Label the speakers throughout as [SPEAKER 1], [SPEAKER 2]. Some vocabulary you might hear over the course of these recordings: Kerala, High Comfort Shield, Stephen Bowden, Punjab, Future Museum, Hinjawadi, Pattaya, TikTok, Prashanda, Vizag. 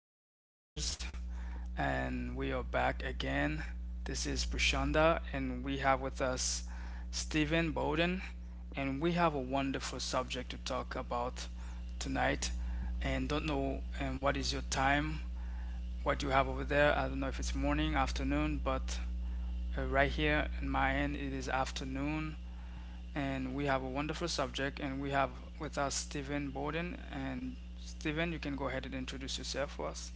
[SPEAKER 1] every listeners, and we are back again. This is Prashanda, and we have with us Stephen Bowden, and we have a wonderful subject to talk about tonight. And don't know and what is your time, what you have over there. I don't know if it's morning, afternoon, but right here in my end, it is afternoon, and we have a wonderful subject. And we have with us Stephen Bowden. And Stephen, you can go ahead and introduce yourself for us.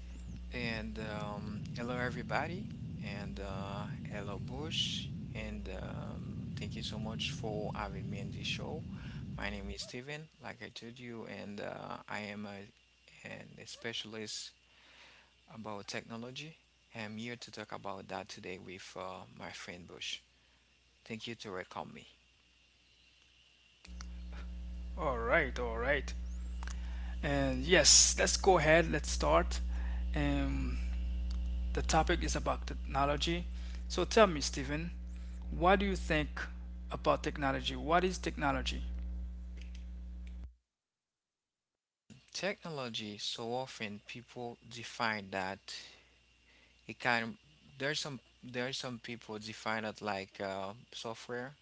[SPEAKER 2] And Hello, everybody. And Hello, Bush. And Thank you so much for having me in this show. My name is Steven, like I told you, and I am a specialist about technology. I'm here to talk about that today with my friend Bush. Thank you to welcome me.
[SPEAKER 1] All right, all right. And yes, let's go ahead. Let's start. Um, the topic is about technology. So tell me, Stephen, what do you think about technology? What is technology?
[SPEAKER 2] Technology, so often people define that it kind of, there's some people define it like software.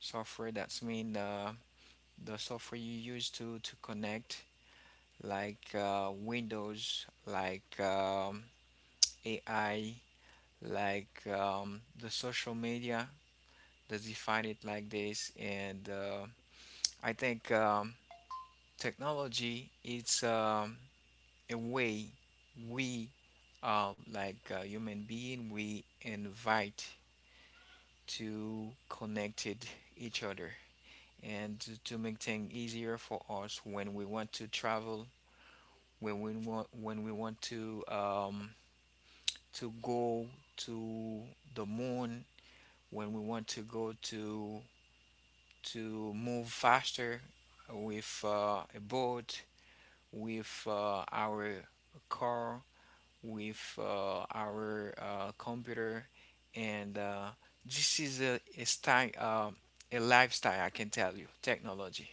[SPEAKER 2] Software, that's mean the software you use to connect, like Windows, like AI, like the social media. They define it like this, and I think technology is a way we like human being we invite to connected each other and to make things easier for us when we want to travel, when we want, when we want to go to the moon, when we want to go to move faster with a boat, with our car, with our computer, and this is a style, a lifestyle. I can tell you, technology.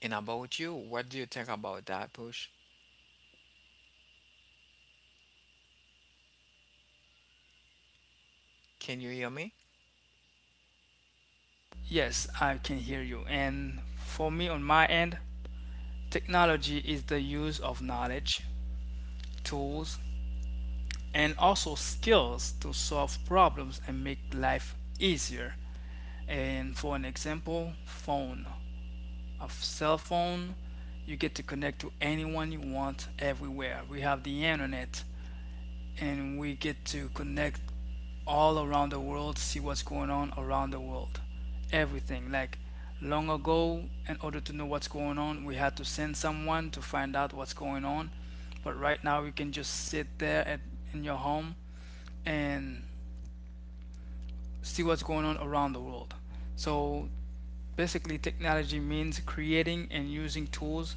[SPEAKER 2] And about you, what do you think about that, Push? Can you hear me?
[SPEAKER 1] Yes, I can hear you. And for me, on my end, technology is the use of knowledge, tools, and also skills to solve problems and make life easier. And for an example, phone. A cell phone, you get to connect to anyone you want everywhere. We have the internet and we get to connect all around the world, see what's going on around the world. Everything. Like long ago, in order to know what's going on, we had to send someone to find out what's going on. But right now, we can just sit there at, in your home and see what's going on around the world. So basically, technology means creating and using tools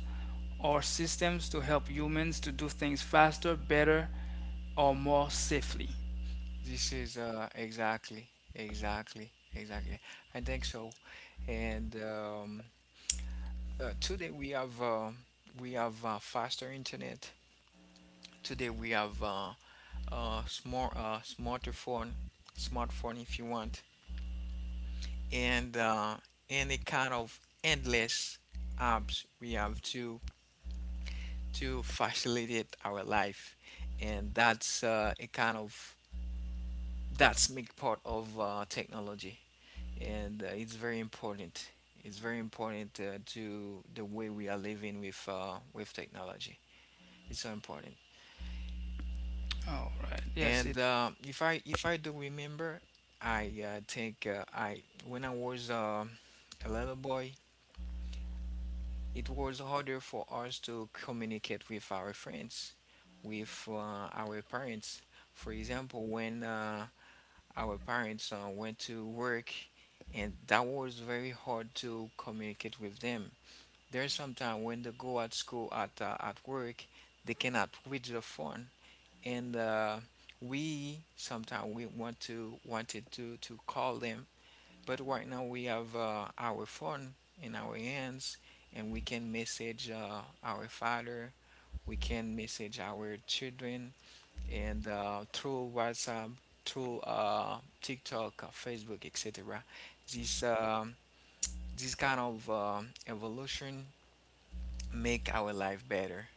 [SPEAKER 1] or systems to help humans to do things faster, better, or more safely.
[SPEAKER 2] This is exactly, exactly, exactly. I think so. And Today we have faster internet. Today we have smart smartphone, smartphone if you want, and any kind of endless apps we have to facilitate our life, and that's make part of technology. And it's very important. It's very important to the way we are living with technology. It's so important.
[SPEAKER 1] All right. Yes, it
[SPEAKER 2] And If I do remember, I think I when I was a little boy, it was harder for us to communicate with our friends, with our parents. For example, when our parents went to work, and that was very hard to communicate with them. There's sometimes when they go at school, at work, they cannot reach the phone, and we sometimes we want to wanted to call them, but right now we have our phone in our hands, and we can message our father, we can message our children, and through WhatsApp, through TikTok, Facebook, etc. This um this kind of evolution make our life better,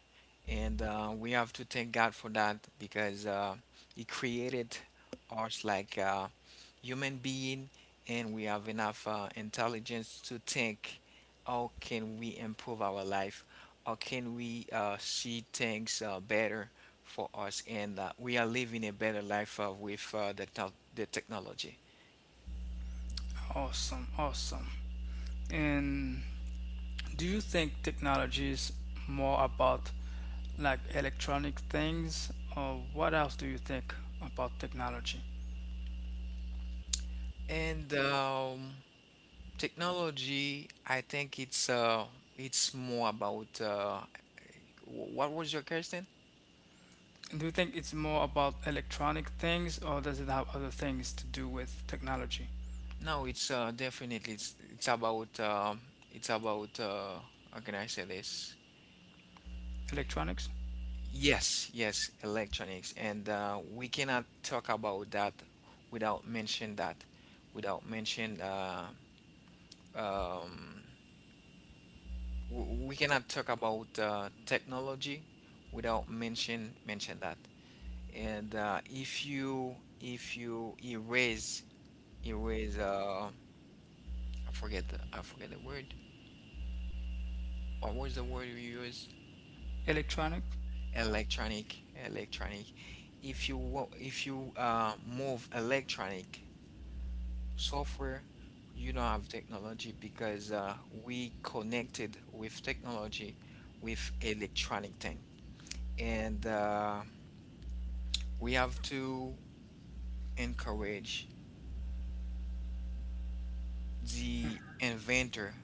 [SPEAKER 2] and we have to thank God for that, because He created us like a human being, and we have enough intelligence to think, how can we improve our life? How can we see things better for us? And we are living a better life with the technology.
[SPEAKER 1] awesome, awesome. And do you think technology is more about like electronic things, or what else do you think about technology?
[SPEAKER 2] And Technology, I think it's more about what was your question?
[SPEAKER 1] Do you think it's more about electronic things, or does it have other things to do with technology?
[SPEAKER 2] No, it's definitely it's about it's about how can I say this?
[SPEAKER 1] Electronics?
[SPEAKER 2] Yes, yes, electronics, and we cannot talk about that, without mention um, we cannot talk about technology without mention that. And if you erase, I forget the word. What was the word you used?
[SPEAKER 1] Electronic?
[SPEAKER 2] Electronic, electronic. If you move electronic software, you don't have technology, because we connected with technology, with electronic thing, and we have to encourage the inventor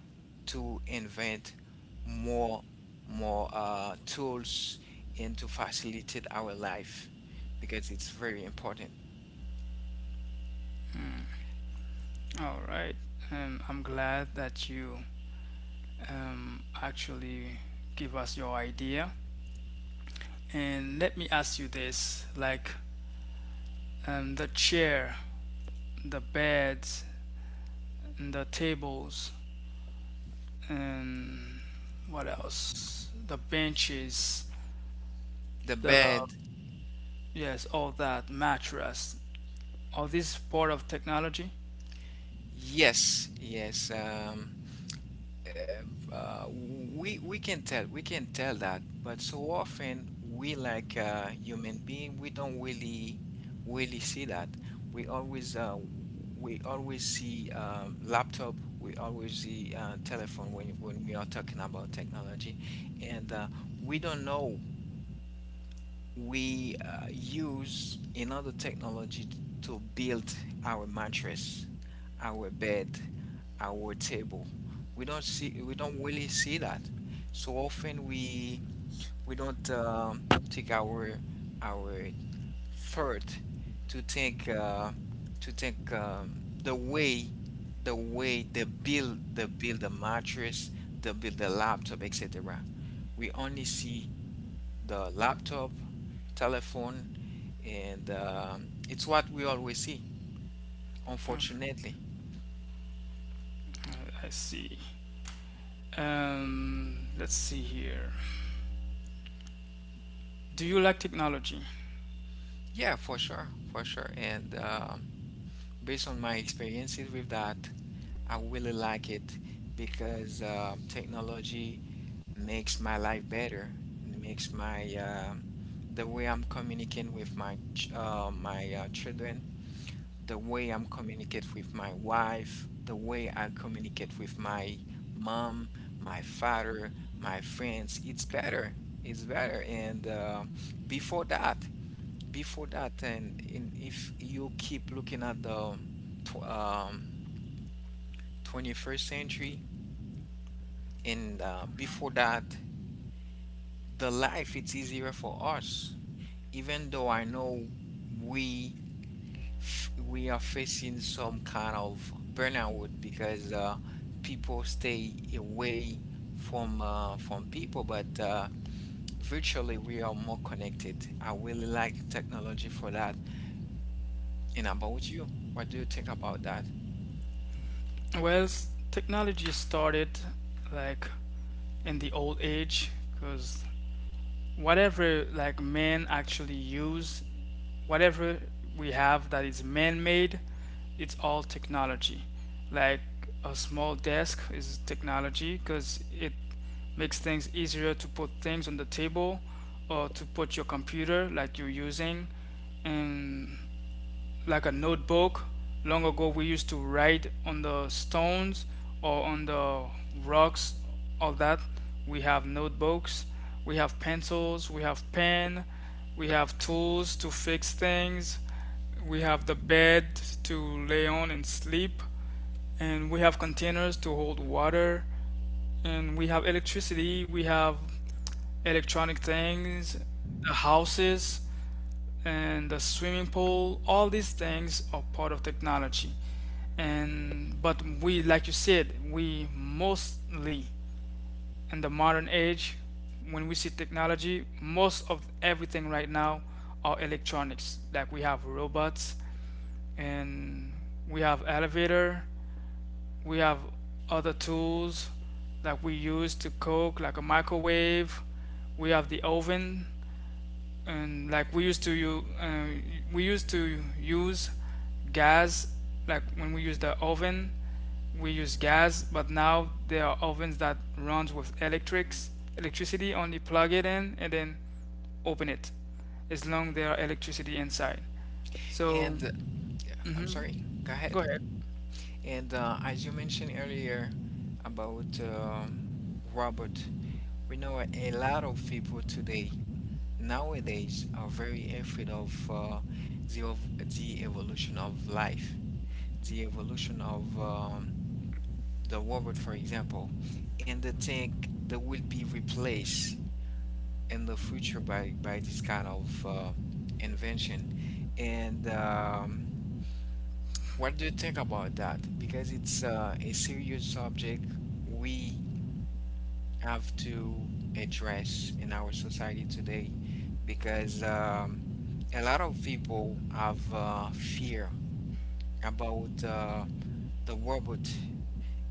[SPEAKER 2] to invent more, more tools, and to facilitate our life because it's very important.
[SPEAKER 1] All right. I'm glad that you actually give us your idea. And let me ask you this, like the chair, the beds, and the tables, and what else? The benches,
[SPEAKER 2] The
[SPEAKER 1] the
[SPEAKER 2] bad.
[SPEAKER 1] yes, all that mattress. All this part of technology.
[SPEAKER 2] Yes, yes. We can tell, that, but so often we, like human being, we don't really really see that. We always uh, we always see laptop. We always see telephone when we are talking about technology, and we don't know we use another technology to build our mattress, our bed, our table. We don't see, we don't really see that. So often we don't take our our thought to think uh, to think the way, they build, a mattress, they build a laptop, etc. We only see the laptop, telephone, and it's what we always see, unfortunately.
[SPEAKER 1] I see. Let's see here. Do you like technology?
[SPEAKER 2] Yeah, for sure, for sure. And Based on my experiences with that, I really like it because technology makes my life better. It makes my the way I'm communicating with my children, the way I'm communicate with my wife, the way I communicate with my mom, my father, my friends. It's better. It's better. And before that, before that, if you keep looking at the tw- um, 21st century, and before that, the life it's easier for us, even though I know we we are facing some kind of burnout because people stay away from people, but virtually we are more connected. I really like technology for that. And about you, what do you think about that?
[SPEAKER 1] Well, technology started like in the old age because whatever like men actually use, whatever we have that is man-made, it's all technology. Like a small desk is technology because it makes things easier to put things on the table or to put your computer like you're using and like a notebook. Long ago, we used to write on the stones or on the rocks, all that. We have notebooks, we have pencils, we have pen, we have tools to fix things, we have the bed to lay on and sleep, and we have containers to hold water, and we have electricity, we have electronic things, the houses and the swimming pool, all these things are part of technology. And but we, like you said, we mostly in the modern age, when we see technology, most of everything right now are electronics, like we have robots, and we have elevator, we have other tools that we use to cook, like a microwave, we have the oven. And like we used to use we used to use gas, like when we use the oven we use gas, but now there are ovens that runs with electrics, electricity. Only plug it in and then open it, as long there are electricity inside, so
[SPEAKER 2] And I'm
[SPEAKER 1] mhm,
[SPEAKER 2] sorry, go
[SPEAKER 1] go
[SPEAKER 2] ahead.
[SPEAKER 1] ahead.
[SPEAKER 2] And as you mentioned earlier about Robert, we know a lot of people today, nowadays, are very afraid of the of the evolution of life, the evolution of the robot, for example, and they think they will be replaced in the future by this kind of invention. And What do you think about that? Because it's a serious subject we have to address in our society today, because a lot of people have fear about the robot.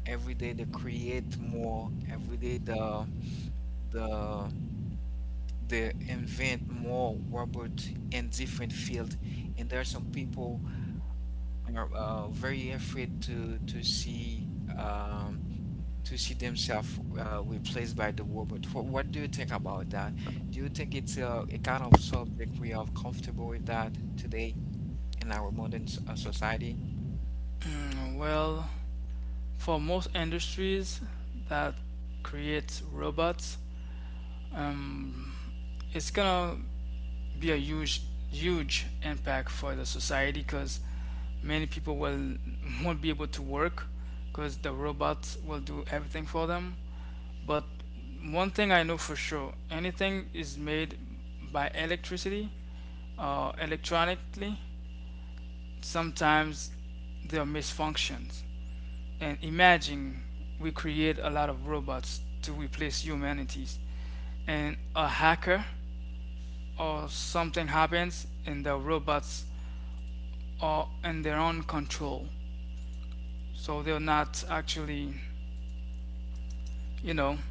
[SPEAKER 2] Every day they create more, every day the they invent more robot in different field, and there are some people are very afraid to see um, to see themselves replaced by the robot. What do you think about that? Do you think it's a kind of subject we are comfortable with that today in our modern society?
[SPEAKER 1] Mm, well, for most industries that create robots, um, it's gonna be a huge, huge impact for the society, because many people will won't be able to work because the robots will do everything for them. But one thing I know for sure, anything is made by electricity or electronically, sometimes there are misfunctions. And imagine we create a lot of robots to replace humanities, and a hacker or something happens and the robots are in their own control. So they're not actually, you know,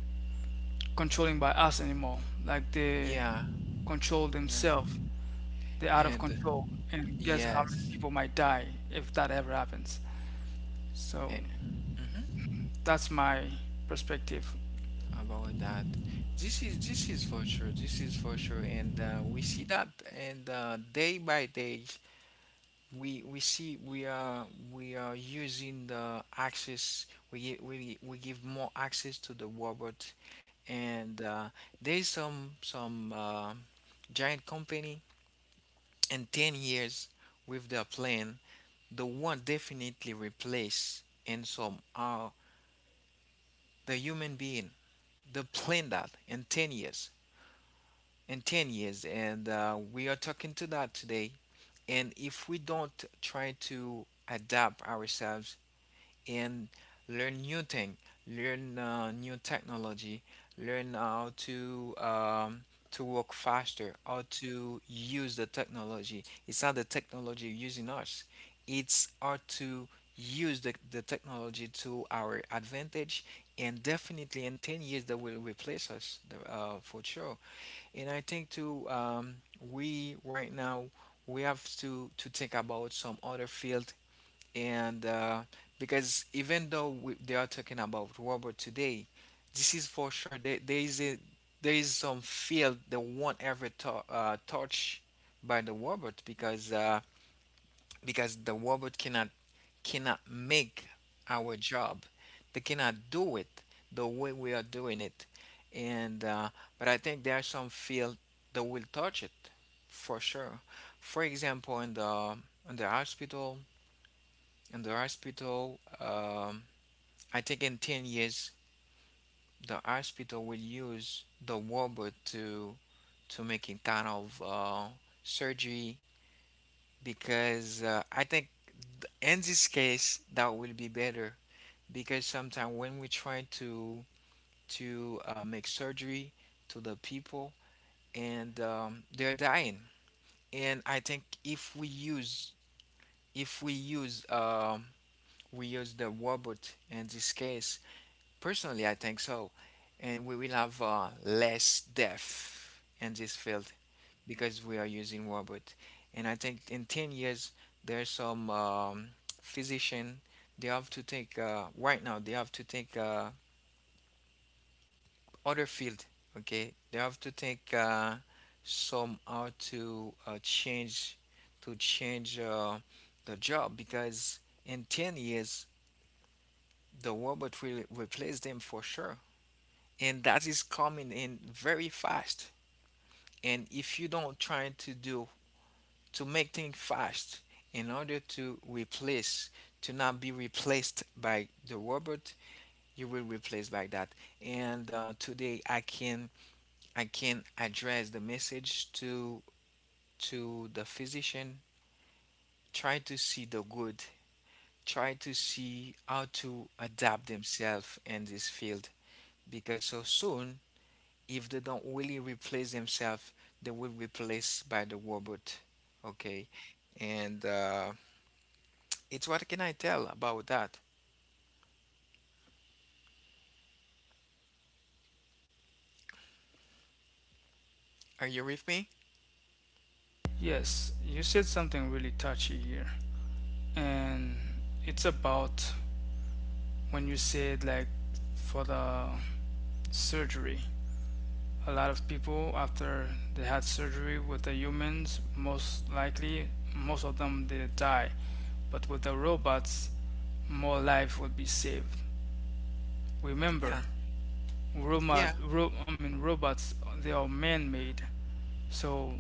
[SPEAKER 1] controlling by us anymore. Like they
[SPEAKER 2] Yeah,
[SPEAKER 1] control
[SPEAKER 2] yeah,
[SPEAKER 1] themselves. They're out of
[SPEAKER 2] and
[SPEAKER 1] control. And guess how many
[SPEAKER 2] yes,
[SPEAKER 1] people might die if that ever happens.
[SPEAKER 2] eh,
[SPEAKER 1] So
[SPEAKER 2] mm-hmm,
[SPEAKER 1] that's my perspective.
[SPEAKER 2] about that. This is, this is for sure. This is for sure, and we see that, and day by day, we are using the access. We gi- We give more access to the robot, and there's some giant company in 10 years, with their plan they want definitely replace in some the human being. They plan that in 10 years, in 10 years, and we are talking to that today. And if we don't try to adapt ourselves and learn new thing, learn new technology, learn how to work faster, how to use the technology. It's not the technology using us; it's how to use the technology to our advantage. And definitely in 10 years, they will replace us for sure. And I think too, we right now, we have to think about some other field, and because even though they are talking about robot today, this is for sure, there is a there is some field that won't ever touch by the robot, because the robot cannot make our job. They cannot do it the way we are doing it, and but I think there are some field that will touch it for sure. For example, in the hospital, in the hospital, I think in 10 years, the hospital will use the robot to make it kind of surgery, because I think in this case that will be better, because sometimes when we try to make surgery to the people, and they're dying. And I think if we use, if we use we use the robot in this case. Personally, I think so. And we will have less death in this field because we are using robot. And I think in 10 years, there's some physician, they have to take, right now, they have to take other field, okay? They have to take some how to change, to change the job, because in 10 years, the robot will replace them for sure. And that is coming in very fast, and if you don't try to do, to make things fast, in order to replace, to not be replaced by the robot, you will replace by that. And today I can, I can address the message to the physician: try to see the good, try to see how to adapt themselves in this field, because so soon, if they don't really replace themselves, they will be replaced by the robot. Okay, and it's what can I tell about that? Are you with me?
[SPEAKER 1] Yes, you said something really touchy here. And it's about when you said, like, for the surgery. A lot of people after they had surgery with the humans, most likely most of them they die, but with the robots more life would be saved. Remember,
[SPEAKER 2] Yeah, yeah.
[SPEAKER 1] I mean robots, they are man-made, so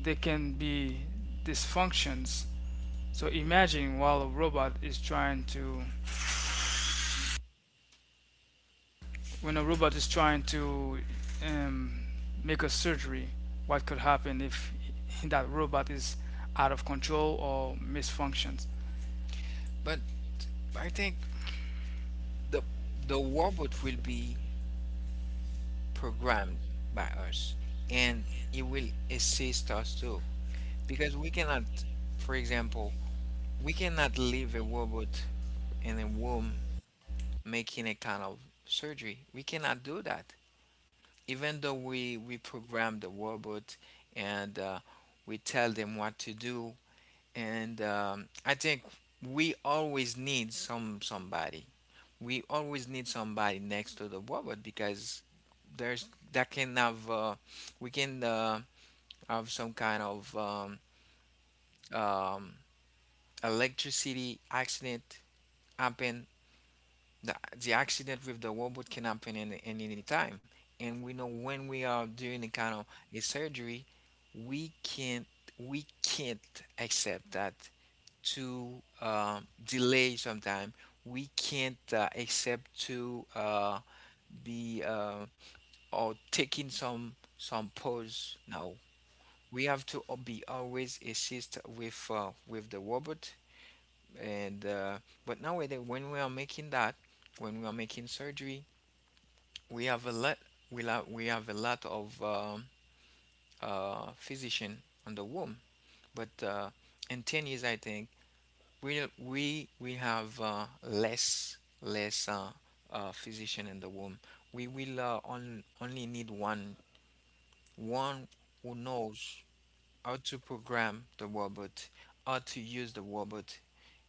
[SPEAKER 1] they can be dysfunctions. So imagine while a robot is trying to, when a robot is trying to um, make a surgery, what could happen if that robot is out of control or misfunctions?
[SPEAKER 2] But I think the the robot will be programmed by us, and it will assist us too, because we cannot, for example, we cannot leave a robot in a room making a kind of surgery. We cannot do that even though we program the robot and we tell them what to do, and I think we always need somebody, we always need somebody next to the robot because there's that can have we can have some kind of um, electricity accident happen. The, the accident with the robot can happen in any time. And we know when we are doing a kind of a surgery, we can't, we can't accept that to delay sometime. We can't accept to be or taking some pause. No, we have to be always assist with the robot. And but nowadays, when we are making that, when we are making surgery, we have a lot, we have a lot of physician on the womb, but in 10 years I think we have less physician in the womb. We will only need one, one who knows how to program the robot, how to use the robot,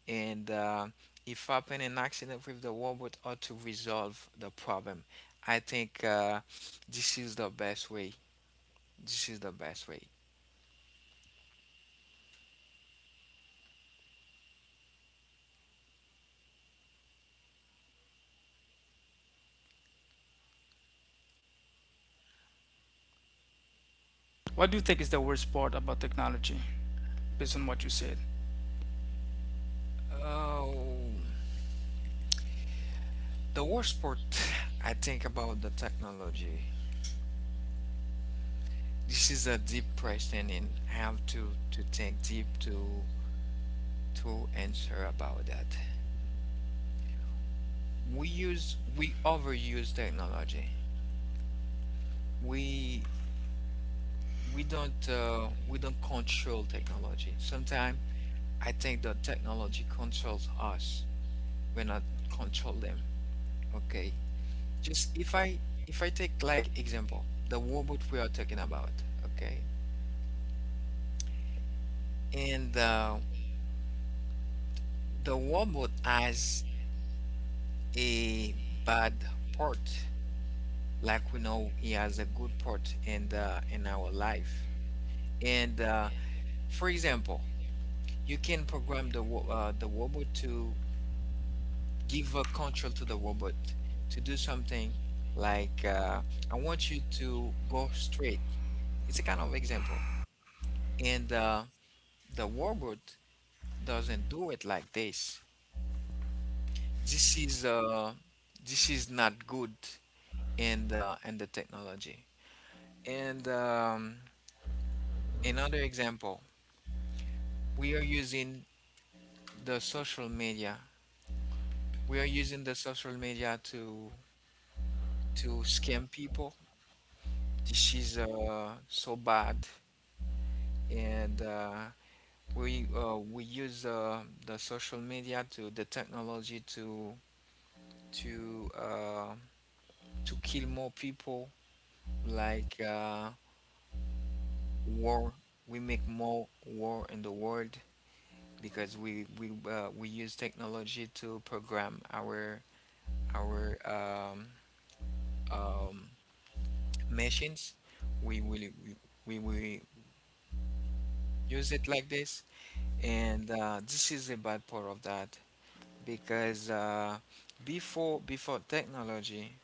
[SPEAKER 2] and if happen an accident with the robot how to resolve the problem. I think this is the best way. This is the best way.
[SPEAKER 1] What do you think is the worst part about technology, based on what you said?
[SPEAKER 2] Oh, the worst part I think about the technology. This is a deep question, and I have to think deep to answer about that. We use, we overuse technology. We, we don't control technology. Sometimes I think the technology controls us. We're not control them. Okay. Just if I, if I take like example the robot we are talking about. Okay. And the robot has a bad part, like we know he has a good part in the, in our life. And for example, you can program the the robot to give a control to the robot to do something like I want you to go straight. It's a kind of example, and the robot doesn't do it like this. This is uh, this is not good and the technology. And another example, we are using the social media. We are using the social media to scam people. This is so bad, and we use the social media to the technology to to uh, to kill more people, like war. We make more war in the world because we use technology to program our our um, um, machines. We will we, we will use it like this, and this is a bad part of that because before technology,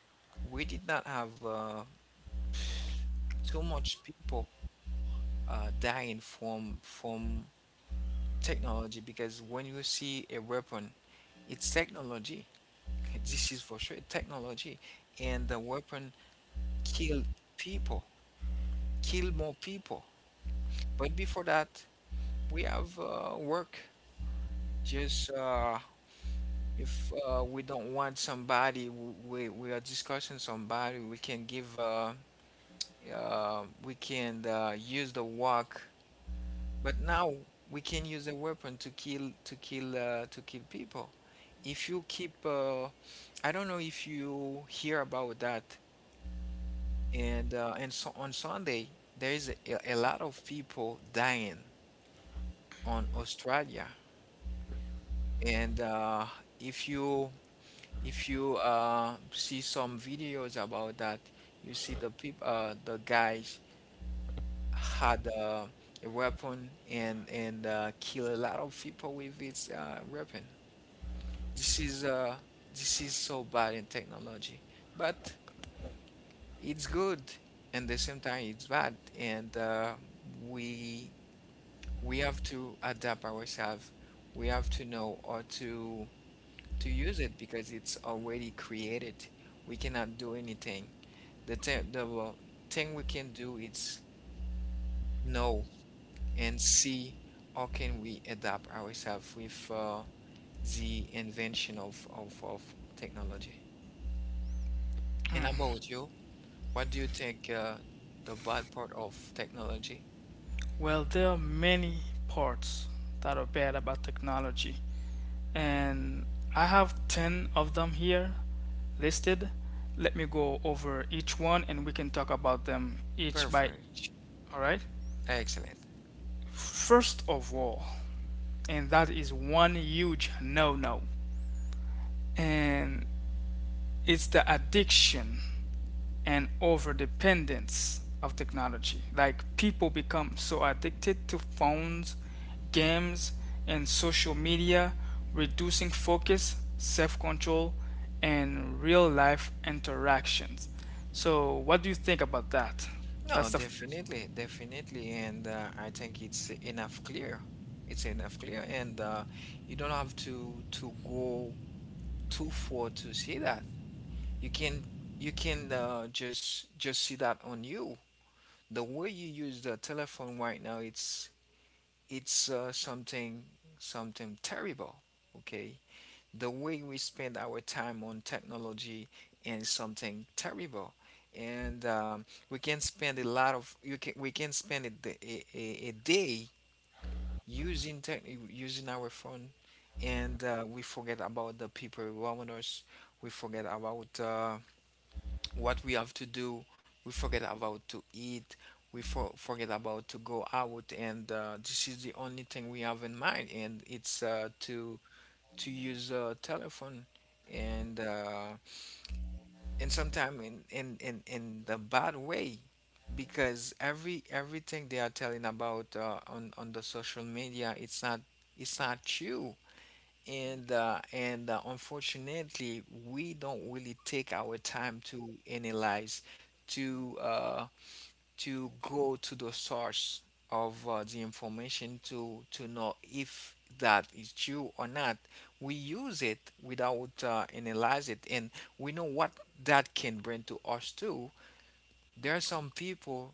[SPEAKER 2] we did not have too much people dying from technology, because when you see a weapon, it's technology. This is for sure technology, and the weapon kill people, kill more people. But before that, we have work. Just if we don't want somebody, we are discussing somebody. We can give, we can use the work. But now we can use a weapon to kill, to kill to kill people. If you keep, I don't know if you hear about that. And so on Sunday there is a lot of people dying on Australia, and if you, if you see some videos about that, you see the people the guys had a weapon and kill a lot of people with its weapon. This is this is so bad in technology, but it's good and the same time it's bad, and we we have to adapt ourselves. We have to know how to use it because it's already created. We cannot do anything. The thing, the thing we can do is know and see how can we adapt ourselves with the invention of technology. And about you, what do you think the bad part of technology?
[SPEAKER 1] Well, there are many parts that are bad about technology, and I have 10 of them here listed. Let me go over each one and we can talk about them each by
[SPEAKER 2] Perfect.
[SPEAKER 1] each. All right?
[SPEAKER 2] Excellent.
[SPEAKER 1] First of all, and that is one huge no-no, and it's the addiction and over dependence of technology, like people become so addicted to phones, games, and social media, reducing focus, self-control, and real life interactions. So what do you think about that?
[SPEAKER 2] No,
[SPEAKER 1] That's the first.
[SPEAKER 2] definitely, definitely, and I think it's enough clear. It's enough clear, and you don't have to go too far to see that. You can, you can just see that on you. The way you use the telephone right now, it's, something, something terrible. Okay, the way we spend our time on technology is something terrible, and we can spend a lot of, you can we can spend a, d- a day using tech using our phone, and we forget about the people around us. We forget about what we have to do. We forget about to eat. Forget about to go out, and this is the only thing we have in mind, and it's to use a telephone, and uh, and sometimes in the bad way, because everything they are telling about on the social media, it's not, it's not true, and unfortunately we don't really take our time to analyze, to uh, to go to the source of the information to know if that is true or not. We use it without analyze it, and we know what that can bring to us too. There are some people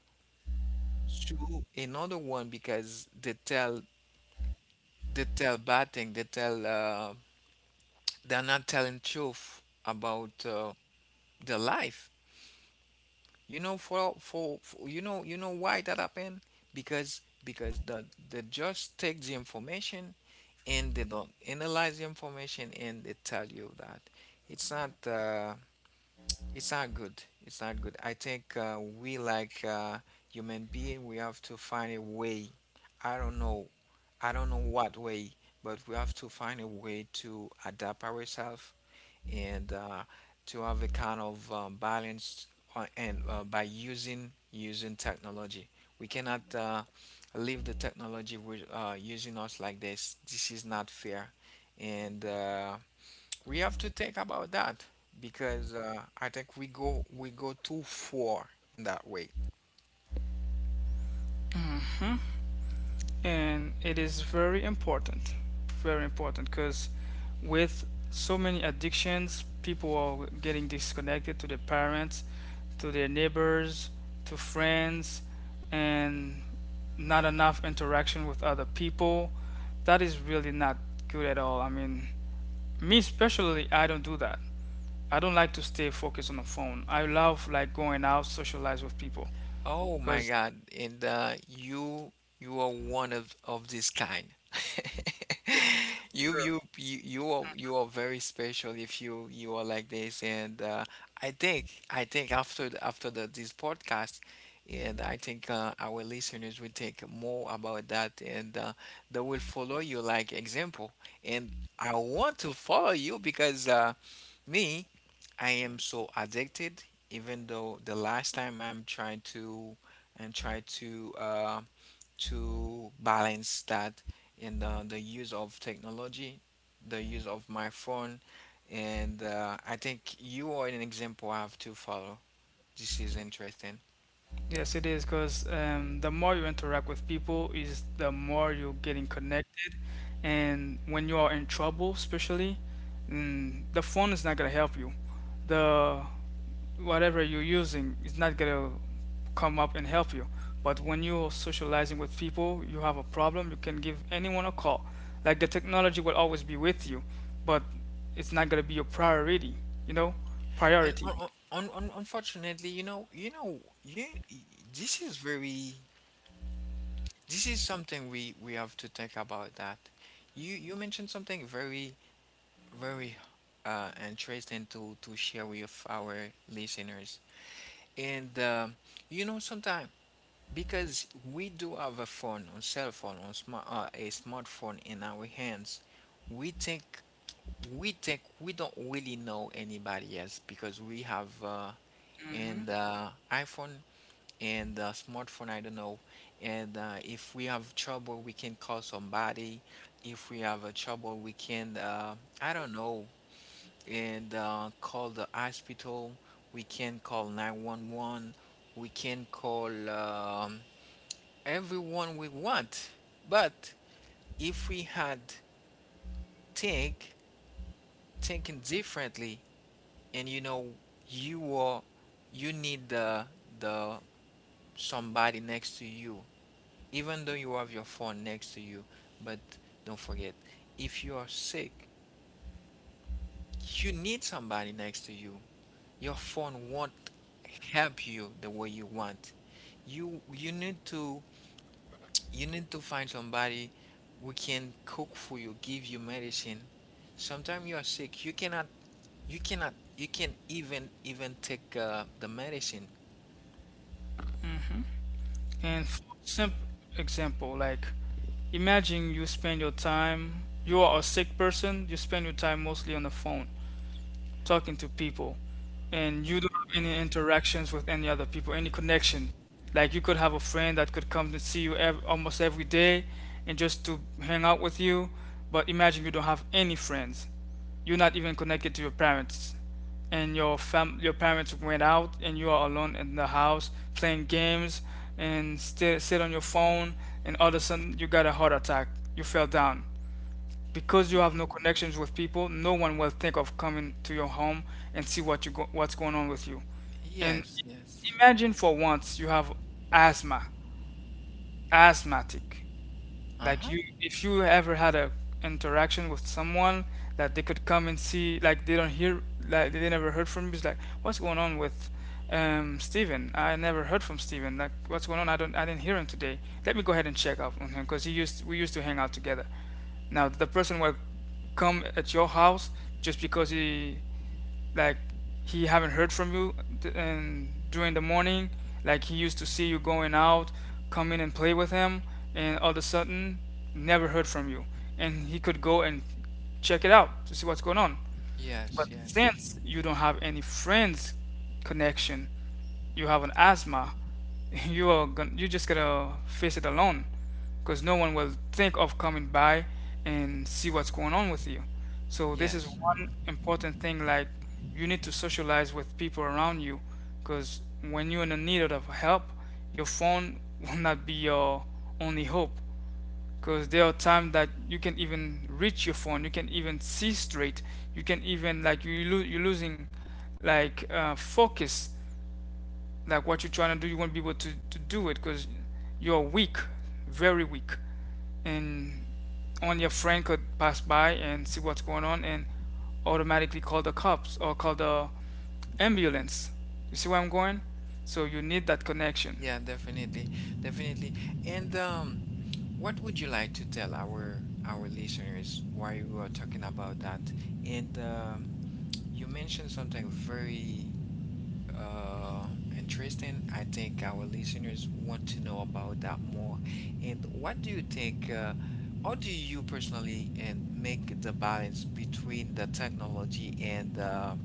[SPEAKER 2] to another one because they tell, they tell bad thing. They tell they're not telling truth about their life. For you know, you know why that happened? Because the, they just take the information and they don't analyze the information and they tell you that it's not uh, it's not good. It's not good. I think we, like human being, we have to find a way. I don't know. I don't know what way, but we have to find a way to adapt ourselves and to have a kind of balance, and by using, using technology. We cannot leave the technology with using us like this. This is not fair, and we have to think about that, because I think we go too far in that way.
[SPEAKER 1] And it is very important, very important, because with so many addictions people are getting disconnected to their parents, to their neighbors, to friends, and not enough interaction with other people. That is really not good at all. I mean, me especially, I don't do that. I don't like to stay focused on the phone. I love like going out, socialize with people
[SPEAKER 2] Oh my
[SPEAKER 1] because
[SPEAKER 2] God. And you, you are one of this kind.
[SPEAKER 1] yes, sure.
[SPEAKER 2] You are very special if you are like this. And I think, I think after the, this podcast, and I think our listeners will think more about that, and they will follow you like example. And I want to follow you, because me. I am so addicted, even though the last time I'm trying to and try to balance that in the use of technology, the use of my phone, and I think you are an example I have to follow. This is interesting.
[SPEAKER 1] Yes, it is because the more you interact with people is the more you're getting connected. And when you are in trouble, especially, mm, the phone is not gonna help you. The whatever you're using is not gonna come up and help you. But when you're socializing with people, you have a problem, you can give anyone a call. Like the technology will always be with you, but it's not gonna be your priority, you know?
[SPEAKER 2] And
[SPEAKER 1] Priority.
[SPEAKER 2] un un un unfortunately, you, this is very, this is something we have to think about that. You mentioned something very, very interesting to share with our listeners. And you know, sometimes, because we do have a phone, a cell phone, or smart, a smartphone in our hands, we think, we think we don't really know anybody else because we have an iPhone and a smartphone. I don't know. And if we have trouble, we can call somebody. If we have a trouble, we can I don't know, and call the hospital. We can call 911. We can call everyone we want. But if we had think, thinking differently, and you know, you are, you need the somebody next to you, even though you have your phone next to you. But don't forget, if you are sick, you need somebody next to you. Your phone won't help you the way you want. You need to, you need to find somebody who can cook for you, give you medicine. Sometimes you are sick, you cannot, you cannot, you can even, even take the medicine.
[SPEAKER 1] Hmm. And for simple example, like imagine you spend your time, you are a sick person, you spend your time mostly on the phone, talking to people, and you don't have any interactions with any other people, any connection. Like you could have a friend that could come to see you ev- almost every day and just to hang out with you, but imagine you don't have any friends, you're not even connected to your parents, and your fam, your parents went out and you are alone in the house playing games and still sit on your phone, and all of a sudden you got a heart attack, you fell down, because you have
[SPEAKER 2] Y-
[SPEAKER 1] no connections with people, no one will think of coming to your home and see what you go, what's going on with you. And
[SPEAKER 2] yes, yes.
[SPEAKER 1] imagine for once you have asthma, asthmatic, like
[SPEAKER 2] Uh-huh.
[SPEAKER 1] you, if you ever had a interaction with someone that they could come and see, like they don't hear, like they never heard from you, it's like what's going on with Steven? I never heard from Steven. Like what's going on? I don't, I didn't hear him today. Let me go ahead and check up on him because he used, we used to hang out together. Now the person will come at your house just because he like he haven't heard from you, th- and during the morning, like he used to see you going out, come in and play with him, and all of a sudden never heard from you, and he could go and check it out to see what's going on.
[SPEAKER 2] Yes,
[SPEAKER 1] But
[SPEAKER 2] yes.
[SPEAKER 1] since you don't have any friends connection, you have an asthma, you are going, you just gotta face it alone, because no one will think of coming by and see what's going on with you. So this is
[SPEAKER 2] Yes.
[SPEAKER 1] one important thing. Like you need to socialize with people around you, because when you're in the need of help, your phone will not be your only hope. Because there are times that you can even reach your phone, you can even see straight, you can even like you lo- you're losing like focus, like what you're trying to do you won't be able to do it because you're weak, very weak, and only your friend could pass by and see what's going on and automatically call the cops or call the ambulance. You see where I'm going. So you need that connection.
[SPEAKER 2] Yeah, definitely. Definitely. And what would you like to tell our listeners while we were talking about that? And you mentioned something very uh, interesting. I think our listeners want to know about that more. And what do you think, how do you personally and make the balance between the technology and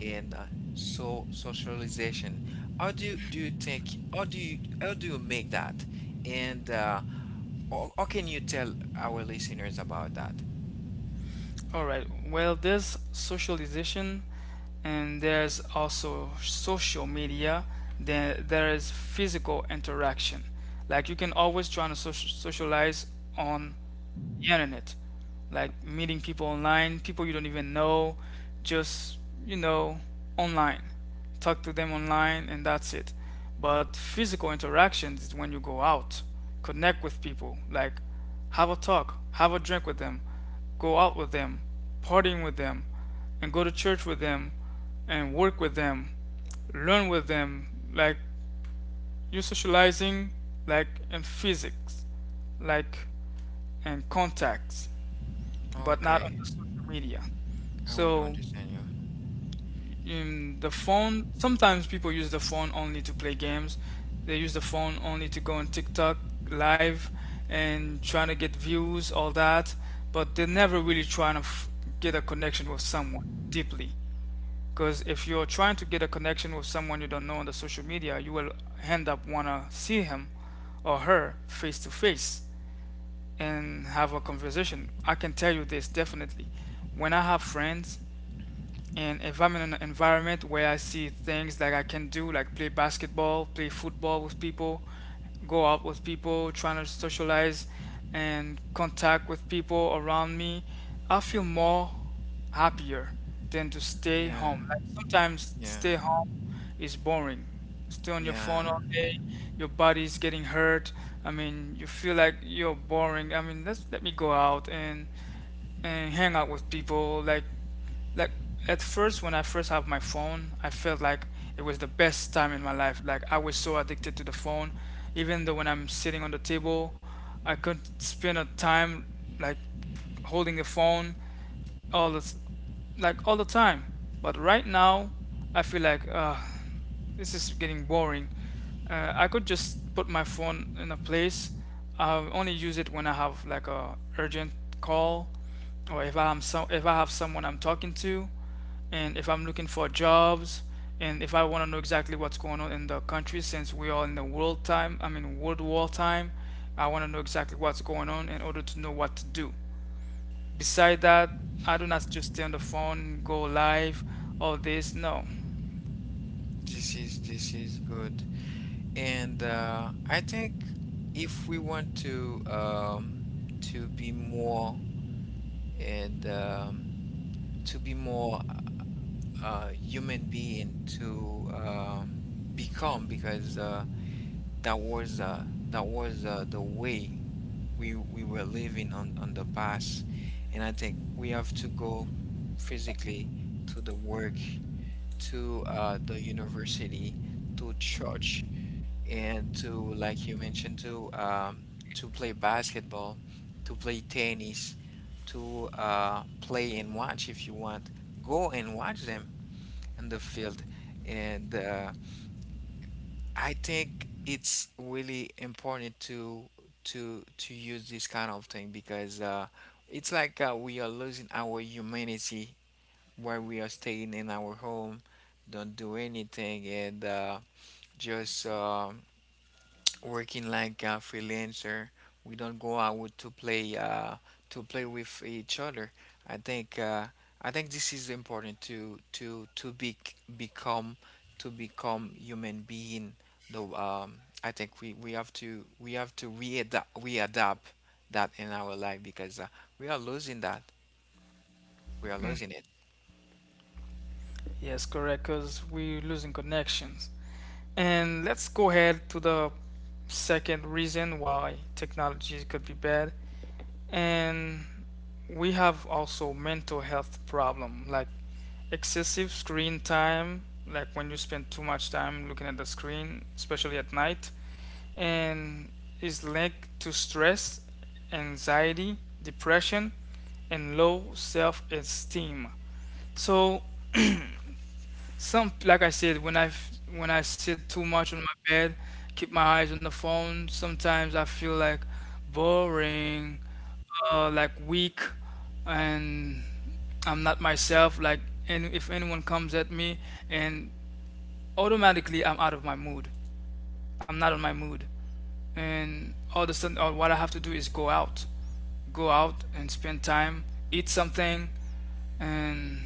[SPEAKER 2] and uh, so socialization? How do you think? How do you, how do you make that? And how can you tell our listeners about that?
[SPEAKER 1] All right, well, there's socialization and there's also social media, then there is physical interaction. Like you can always try to socialize on the internet, like meeting people online, people you don't even know, just, you know, online. Talk to them online and that's it. But physical interactions is when you go out, connect with people, like have a talk, have a drink with them, go out with them, partying with them, and go to church with them, and work with them, learn with them, like you socializing, like in physics, like in contacts but not
[SPEAKER 2] Okay,
[SPEAKER 1] on the social media.
[SPEAKER 2] I will
[SPEAKER 1] So,
[SPEAKER 2] understand you.
[SPEAKER 1] in the phone, sometimes people use the phone only to play games. They use the phone only to go on TikTok live and trying to get views, all that, but they're never really trying to get a connection with someone deeply. Because if you're trying to get a connection with someone you don't know on the social media, you will end up wanna see him or her face to face and have a conversation. I can tell you this definitely. When I have friends and if I'm in an environment where I see things that I can do, like play basketball, play football with people, go out with people, trying to socialize and contact with people around me, I feel more happier than to stay
[SPEAKER 2] Yeah,
[SPEAKER 1] home. Like sometimes
[SPEAKER 2] yeah,
[SPEAKER 1] stay home is boring. Stay on your phone
[SPEAKER 2] yeah.
[SPEAKER 1] all day, your body's getting hurt. I mean, you feel like you're boring. I mean, let me go out and hang out with people, like at first when I first have my phone, I felt like it was the best time in my life. Like I was so addicted to the phone, even though when I'm sitting on the table, I could spend a time like holding the phone all this like all the time. But right now I feel like this is getting boring. I could just put my phone in a place. I only use it when I have like a urgent call, or if I'm so if I have someone I'm talking to, and if I'm looking for jobs, and if I want to know exactly what's going on in the country, since we are in the world time, I mean world war time. I want to know exactly what's going on in order to know what to do. Beside that, I do not just stay on the phone, go live, all this. No.
[SPEAKER 2] This is, this is good. And I think if we want to be more and to be more human being to become, because that was uh, that was the way we were living on the past, and I think we have to go physically to the work, to the university, to church, and to, like you mentioned, to play basketball, to play tennis, to play and watch if you want. Go and watch them in the field. And I think it's really important to to use this kind of thing, because it's like we are losing our humanity where we are staying in our home, don't do anything, and just working like a freelancer. We don't go out to play with each other. I think uh, I think this is important to to be become to become human being. Though I think we have to readapt, we adapt that in our life, because we are losing that, we are
[SPEAKER 1] Mm.
[SPEAKER 2] losing it.
[SPEAKER 1] Yes, correct, because we're losing connections. And let's go ahead to the second reason why technology could be bad. And we have also mental health problem, like excessive screen time, like when you spend too much time looking at the screen, especially at night, and is linked to stress, anxiety, depression, and low self-esteem. So some like I said, when I sit too much on my bed, keep my eyes on the phone, sometimes I feel like boring, like weak, and I'm not myself. Like, and if anyone comes at me, and automatically I'm out of my mood. I'm not on my mood, and all of a sudden, all, what I have to do is go out. Go out and spend time, eat something, and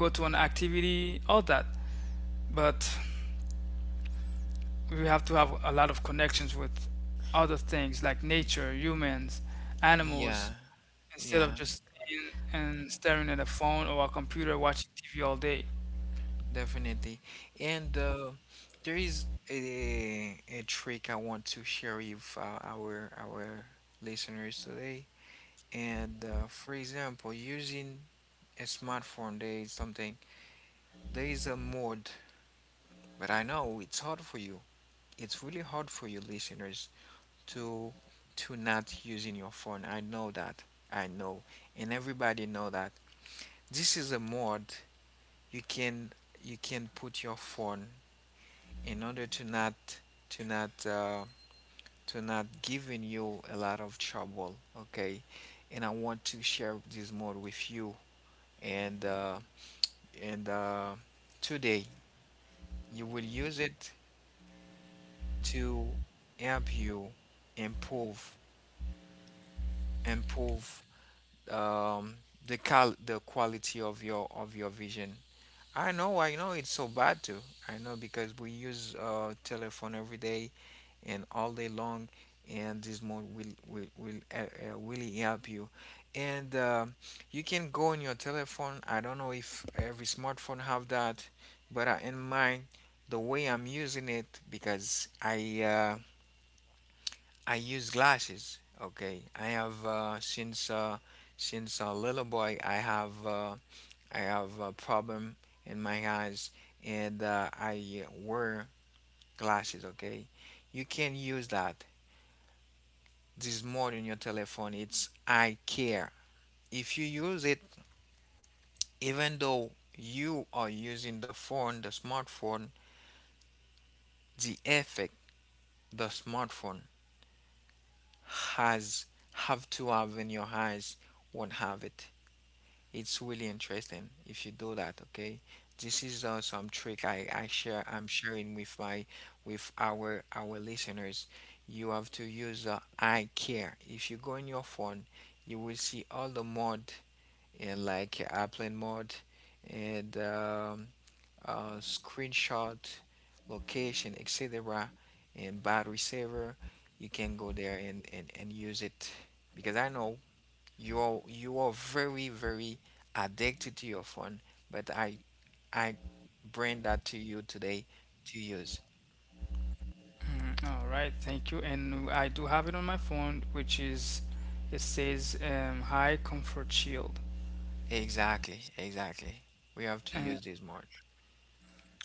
[SPEAKER 1] go to an activity, all that. But we have to have a lot of connections with other things like
[SPEAKER 2] Y-
[SPEAKER 1] nature, humans, animals,
[SPEAKER 2] yeah,
[SPEAKER 1] instead of
[SPEAKER 2] yeah.
[SPEAKER 1] just sitting and staring at a phone or a computer watching TV all day.
[SPEAKER 2] Definitely. And there is a trick I want to share with our listeners today. And for example, using a smartphone, there is there is a mode, but I know it's hard for you. It's really hard for you listeners to to not using your phone. I know that. I know. And everybody know that. This is a mode you can put your phone in order to not to not uh, to not giving you a lot of trouble, okay? And I want to share this mode with you. And uh, and Today you will use it to help you improve improve um, the cal the quality of your vision. I know it's so bad too. I know, because we use uh, telephone every day and all day long, and this mode will really help you. And you can go on your telephone, I don't know if every smartphone have that, but in mine, the way I'm using it, because I use glasses, okay? I have since a little boy, I have I have a problem in my eyes, and I wear glasses, okay? You can use that, this mode in your telephone. It's I care. If you use it, even though you are using the phone, the smartphone, the effect the smartphone has have in your eyes, won't have it. It's really interesting if you do that. Okay, this is some trick I share. I'm sharing with my with our listeners. You have to use I care. If you go in your phone, you will see all the mode, and like airplane mode and screenshot, location, etc. and battery saver. You can go there and, use it, because I know you are very very addicted to your phone, but I bring that to you today to use.
[SPEAKER 1] Mm. All right, thank you. And I do have it on my phone, which is it says High Comfort Shield.
[SPEAKER 2] Exactly, exactly. We have to
[SPEAKER 1] And
[SPEAKER 2] use this more.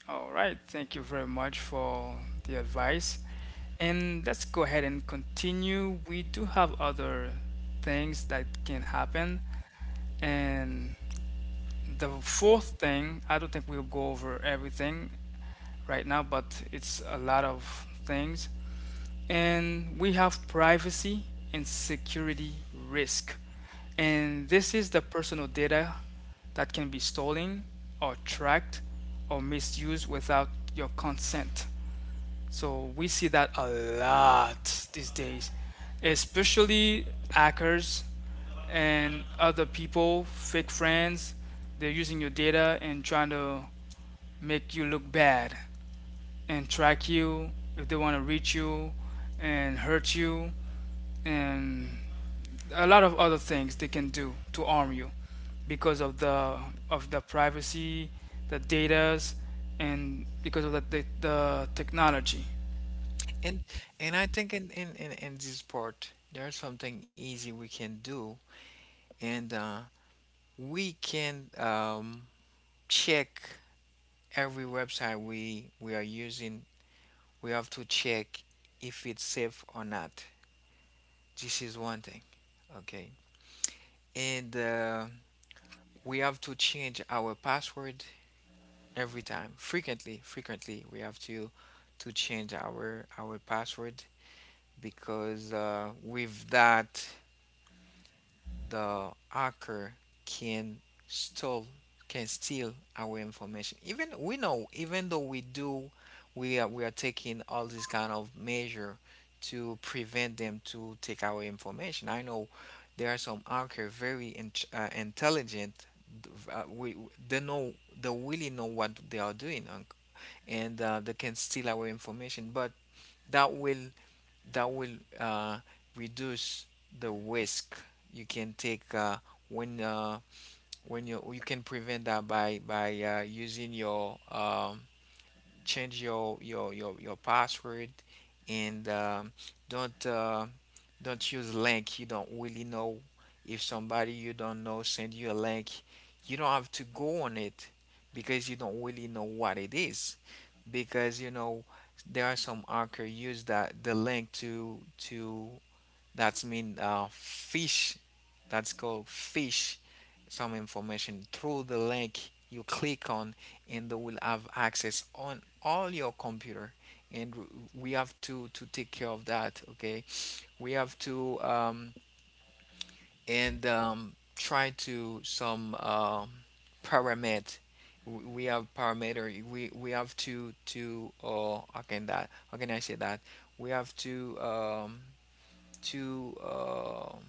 [SPEAKER 1] all right, thank you very much for the advice. And let's go ahead and continue. We do have other things that can happen. And the fourth thing, I don't think we'll go over everything right now, but it's a lot of things. And we have privacy and security risk. And this is the personal data that can be stolen or tracked or misused without your consent. So we see that a lot these days, especially hackers and other people, fake friends. They're using your data and trying to make you look bad and track you if they want to reach you and hurt you and a lot of other things they can do to harm you because of the privacy, the datas, and because of the technology.
[SPEAKER 2] And and I think in this part, there's something easy we can do. And we can check every website we are using. We have to check if it's safe or not. This is one thing, okay? And we have to change our password every time, frequently. Frequently, we have to change our password, because with that the hacker can steal, can steal our information. Even we know, even though we do, we are taking all these kind of measure to prevent them to take our information. I know there are some hacker very intelligent. We They know, they really know what they are doing, and they can steal our information, but that will that will uh, reduce the risk you can take when uh, when you can prevent that by using your change your password, and don't uh, don't use link you don't really know. If somebody you don't know send you a link, you don't have to go on it, because you don't really know what it is, because you know there are some anchor use that the link to, that's mean fish, that's called fish, some information through the link you click on, and they will have access on all your computer, and we have to take care of that, okay? We have to and try to some parameter. We have parameter. We have to how can I say that? We have to um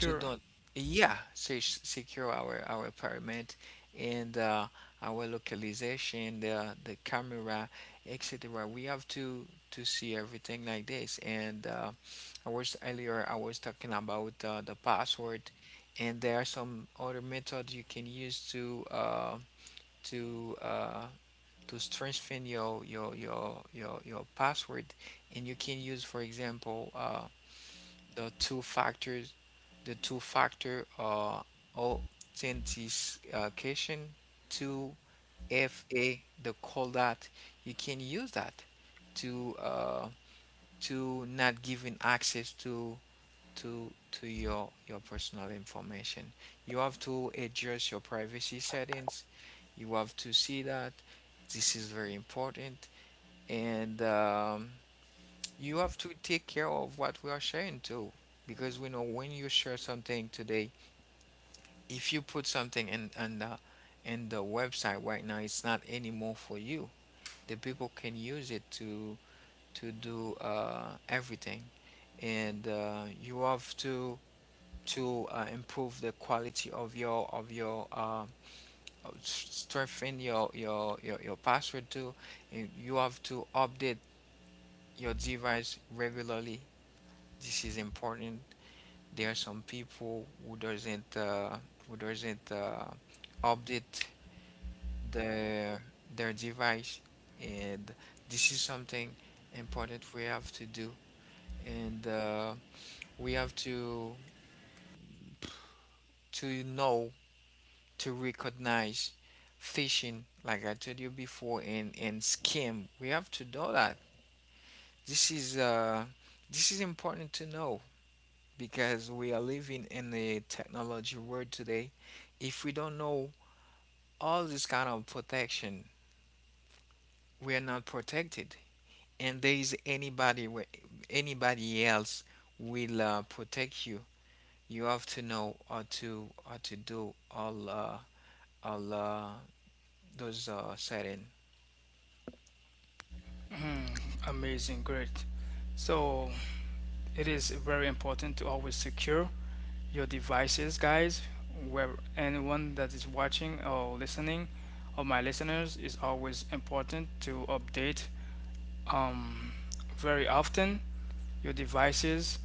[SPEAKER 2] to don't yeah, secure our parameter, and our localization, the camera, etc. We have to see everything like this. And I was earlier I was talking about the password, and there are some other methods you can use to to uh, to strengthen your password, and you can use, for example, the two factors, the two factor authentication, two FA, the call that you can use that to uh, to not giving access to your personal information. You have to adjust your privacy settings. You have to see that this is very important, and you have to take care of what we are sharing too, because we know when you share something today, if you put something in in the website right now, it's not anymore for you. The people can use it to do everything, and you have to improve the quality of your of your of strengthen your password too. And you have to update your device regularly. This is important. There are some people who doesn't who doesn't uh, update their their device, and this is something important we have to do. And we have to know to recognize phishing, like I told you before, and scam. We have to know that this is uh this is important to know, because we are living in the technology world today. If we don't know all this kind of protection, we are not protected, and there is anybody else will protect you. You have to know how to do all all uh, those setting.
[SPEAKER 1] Mhm. Amazing, great. So it is very important to always secure your devices, guys. Where anyone that is watching or listening, or my listeners, is always important to update um, very often your devices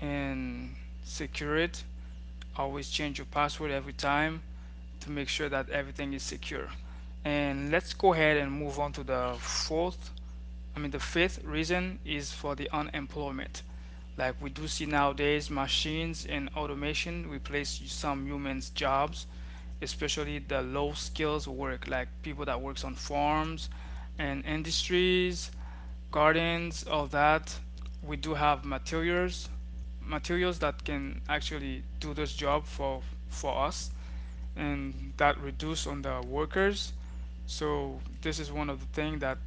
[SPEAKER 1] and secure it. Always change your password every time to make sure that everything is secure. And let's go ahead and move on to the fourth I mean, the fifth reason is for the unemployment. Like we do see nowadays, machines and automation replace some humans' jobs, especially the low skills work, like people that works on farms and industries, gardens, all that. We do have materials, materials that can actually do this job for us, and that reduce on the workers. So this is one of the thing that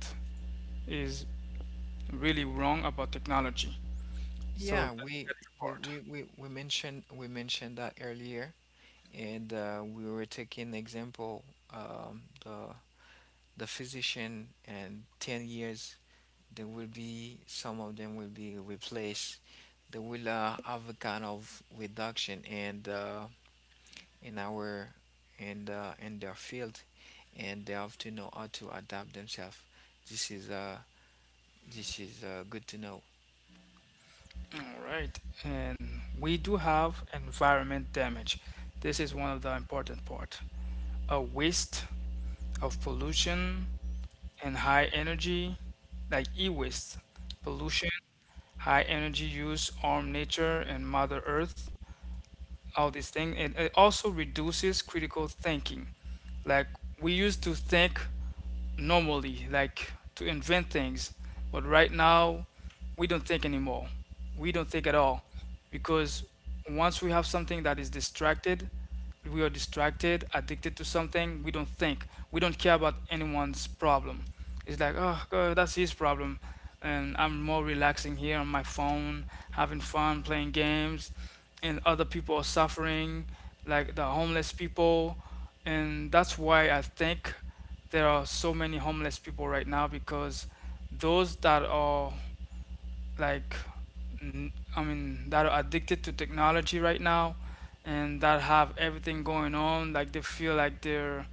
[SPEAKER 1] is really wrong about technology. So
[SPEAKER 2] Yeah,
[SPEAKER 1] the negative
[SPEAKER 2] we mentioned, we mentioned that earlier, and we were taking example um, the the physician, and 10 years there will be some of them will be replaced. They will have a kind of reduction and in our in their field, and they have to know how to adapt themselves. This is uh this is good to know.
[SPEAKER 1] part. All right, and we do have environment damage. This is one of the important part. A waste of pollution and high energy, like e-waste, pollution, high energy use, harm nature and Mother Earth, all these things. And it also reduces critical thinking, like we used to think normally like to invent things, but right now we don't think anymore, we don't think at all, because once we have something that is distracted, we are distracted addicted to something, we don't think, we don't care about anyone's problem. It's like, oh god, that's his problem, and I'm more relaxing here on my phone, having fun playing games, and other people are suffering, like the homeless people. And that's why I think there are so many homeless people right now, because those that are like, I mean, that are addicted to technology right now and that have everything going on, like they feel like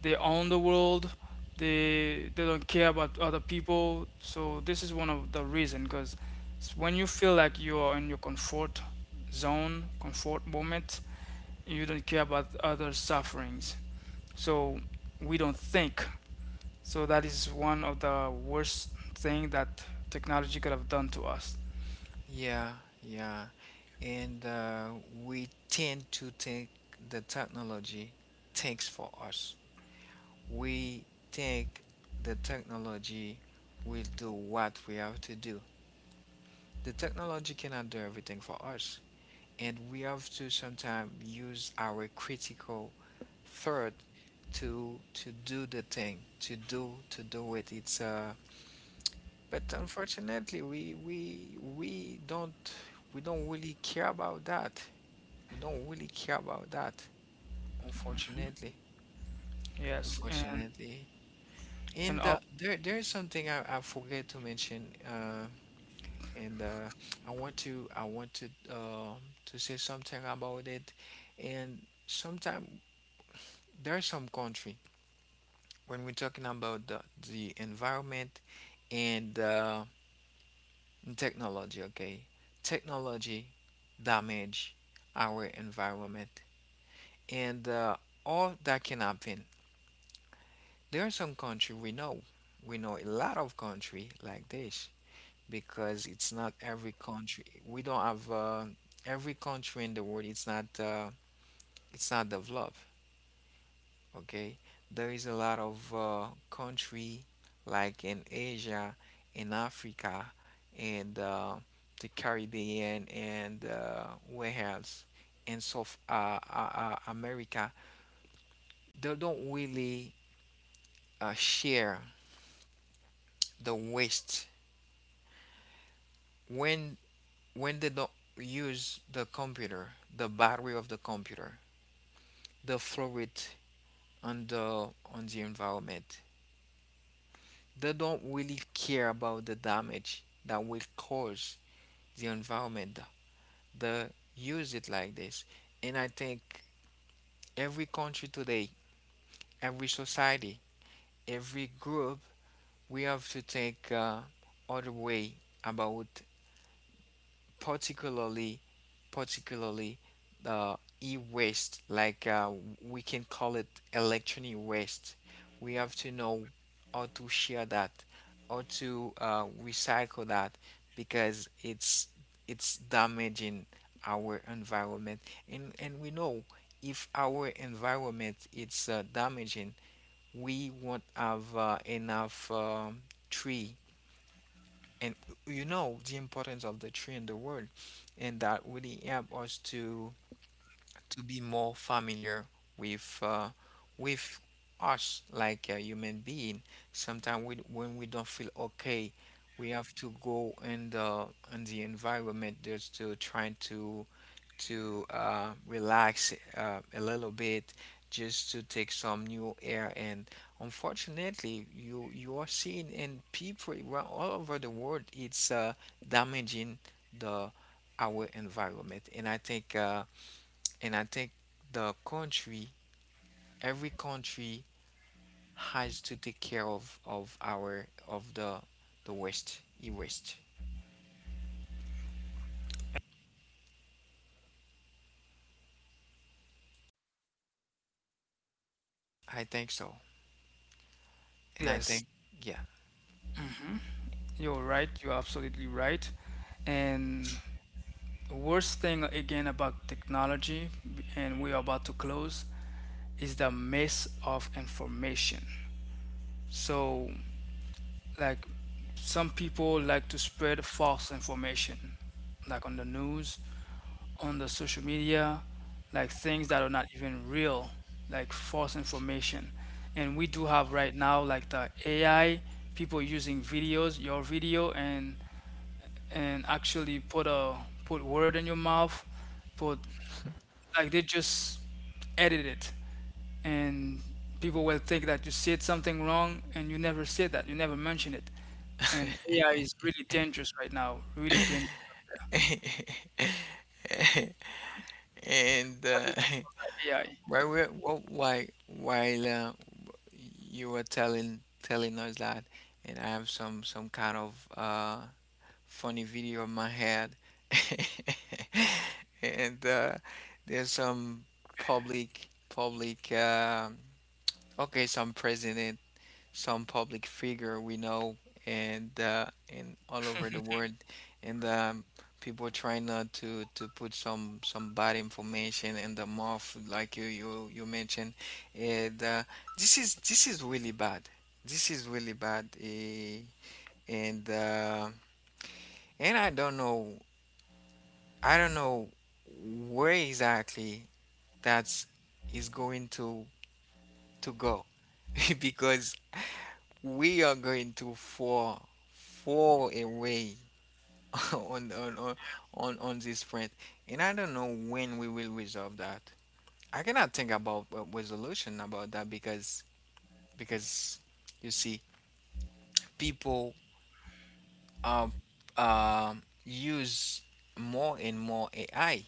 [SPEAKER 1] they own the world. They don't care about other people. So this is one of the reason because when you feel like you are in your comfort zone, comfort moment, you don't care about other sufferings. So we don't think. So that is one of the worst thing that technology could have done to us.
[SPEAKER 2] Yeah, yeah. and we tend to think the technology thinks for us. We think the technology will do what we have to do. The technology cannot do everything for us, and we have to sometimes use our critical thought to do the thing, to do it. It's but unfortunately, we don't, we don't really care about that. We don't really care about that. Unfortunately,
[SPEAKER 1] Yes,
[SPEAKER 2] unfortunately.
[SPEAKER 1] and
[SPEAKER 2] And
[SPEAKER 1] all,
[SPEAKER 2] there is something I forget to mention and I want to, to say something about it. And sometimes there are some country when we're talking about the environment and technology, okay? Technology damage our environment, and all that can happen. There are some country we know. We know a lot of country like this, because it's not every country. We don't have every country in the world. It's not developed. Okay, there is a lot of country like in Asia, in Africa, and the Caribbean, and where else in South America. They don't really share the waste when they don't use the computer, the battery of the computer, the fluid on the environment. They don't really care about the damage that will cause the environment. They use it like this, and I think every country today, every society, every group, we have to think other way about particularly, particularly e-waste, like we can call it electronic waste. We have to know how to share that, how to recycle that, because it's damaging our environment. And we know, if our environment it's damaging, we won't have enough tree. And you know the importance of the tree in the world, and that really help us to be more familiar with with us like a human being. Sometimes when we don't feel okay, we have to go in the environment, just to try to relax a little bit, just to take some new air. And unfortunately, you are seeing in people around all over the world, it's damaging the our environment. And I think the country, every country has to take care of our of the West, e West. I think so, and I
[SPEAKER 1] yes,
[SPEAKER 2] think yeah.
[SPEAKER 1] you're right. You're absolutely right. And worst thing again about technology, and we are about to close, is the mess of information. So like some people like to spread false information, like on the news, on the social media, like things that are not even real, like false information. And we do have right now like the AI, people using videos, your video, and actually put a put word in your mouth, put like they just edit it, and people will think that you said something wrong and you never said that, you never mention it. And AI is really dangerous right now, really dangerous.
[SPEAKER 2] and
[SPEAKER 1] What do you think about that
[SPEAKER 2] while we're wh- while you were telling, telling us that, and I have some kind of funny video in my head. And there's some public, okay, some president, some public figure we know, and uh, and all over the world, and people try not to to put some bad information in the mouth, like you mentioned, and this is really bad. This is really bad. And uh, and I don't know, I don't know where exactly that's is going to go because we are going to fall, fall away on on on on this front, and I don't know when we will resolve that. I cannot think about a resolution about that, because you see people um use more and more AI,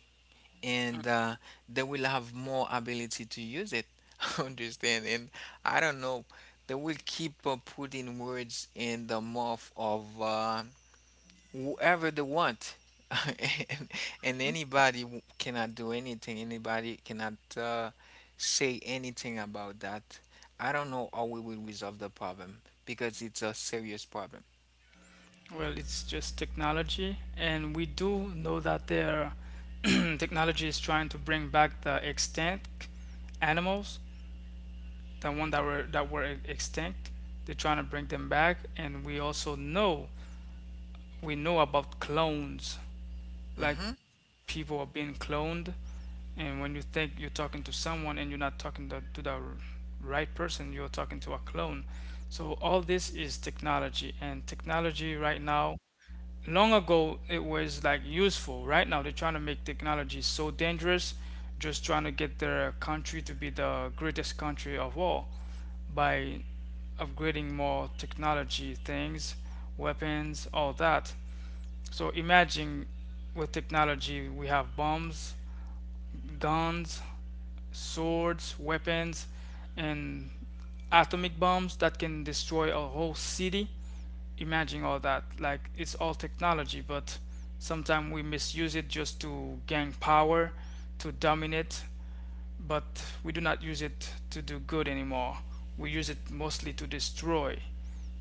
[SPEAKER 2] and they will have more ability to use it. Understand? And I don't know, they will keep putting words in the mouth of whoever they want. and, and anybody cannot do anything, anybody cannot say anything about that. I don't know how we will resolve the problem, because it's a serious problem.
[SPEAKER 1] AI? Well, it's just technology, and we do know that their technology is trying to bring back the extinct animals, the one that were extinct. They're trying to bring them back, and we also know we know about clones. Like
[SPEAKER 2] hmm.
[SPEAKER 1] people are being cloned, and when you think you're talking to someone and you're not talking to the right person, you're talking to a clone. So all this is technology, and technology right now, long ago it was like useful, right now they're trying to make technology so dangerous, just trying to get their country to be the greatest country of all by upgrading more technology things, weapons, all that. So imagine with technology we have bombs, guns, swords, weapons, and atomic bombs that can destroy a whole city. Imagine all that. Like it's all technology, but sometimes we misuse it just to gain power, to dominate, but we do not use it to do good anymore. We use it mostly to destroy,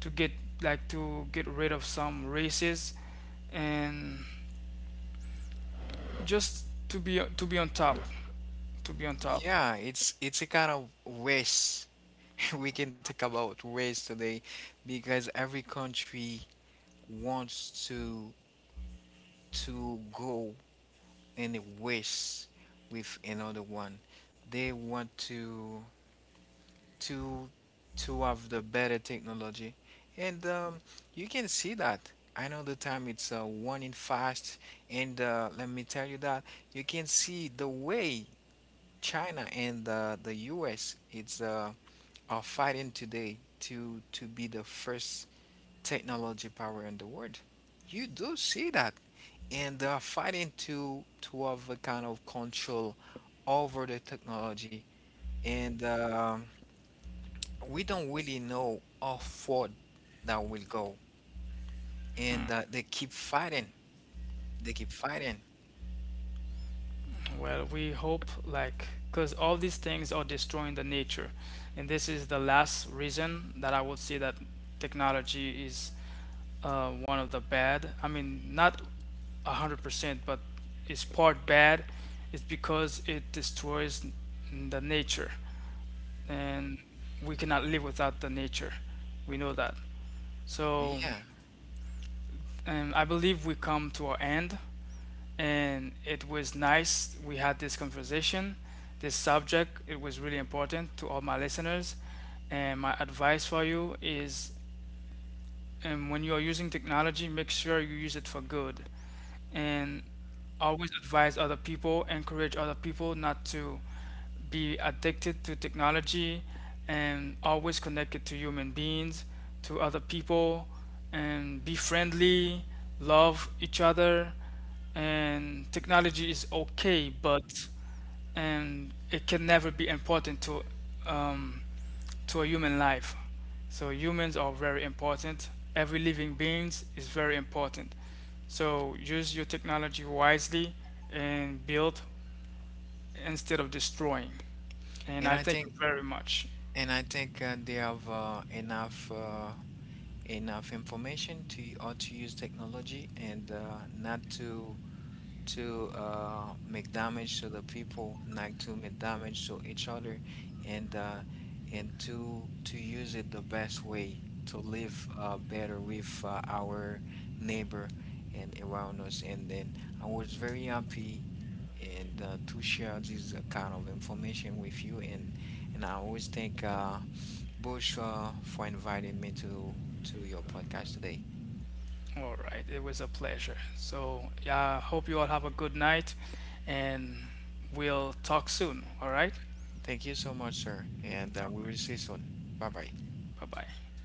[SPEAKER 1] to get like to get rid of some races and just to be on top, to be on top.
[SPEAKER 2] Yeah, it's a kind of race. We can talk about race today, because every country wants to go and race with another one. They want to to have the better technology, and you can see that. I know the time it's one in fast, and let me tell you that you can see the way China and the U.S. it's are fighting today to be the first technology power in the world. You do see that. And they are fighting to have a kind of control over the technology. And we don't really know how far that will go. And they keep fighting. They keep fighting.
[SPEAKER 1] Well, we hope like, because all these things are destroying the nature, and this is the last reason that I would say that technology is one of the bad, I mean not 100%, but it's part bad. It's because it destroys the nature, and we cannot live without the nature, we know that. So,
[SPEAKER 2] Yeah.
[SPEAKER 1] and I believe we come to our end, and it was nice. We had this conversation, this subject. It was really important to all my listeners. And my advice for you is when you are using technology, make sure you use it for good. And always advise other people, encourage other people not to be addicted to technology and always connected to human beings, to other people, and be friendly, love each other, and technology is okay, but and it can never be important um, to a human life. So humans are very important. Every living beings is very important. So use your technology wisely and build instead of destroying. And
[SPEAKER 2] And
[SPEAKER 1] I
[SPEAKER 2] I
[SPEAKER 1] thank you
[SPEAKER 2] think
[SPEAKER 1] very much.
[SPEAKER 2] and I think they have enough information to how to use technology, and not to make damage to the people, not to make damage to each other, and and to use it the best way to live better with our neighbor and around us. And then I was very happy and to share this kind of information with you. And I always thank Bush for inviting me to your podcast today.
[SPEAKER 1] All right, it was a pleasure. So yeah, I hope you all have a good night, and we'll talk soon. All right.
[SPEAKER 2] Thank you so much, sir, and
[SPEAKER 1] All
[SPEAKER 2] we will see
[SPEAKER 1] right.
[SPEAKER 2] you soon. Bye bye.
[SPEAKER 1] Bye bye.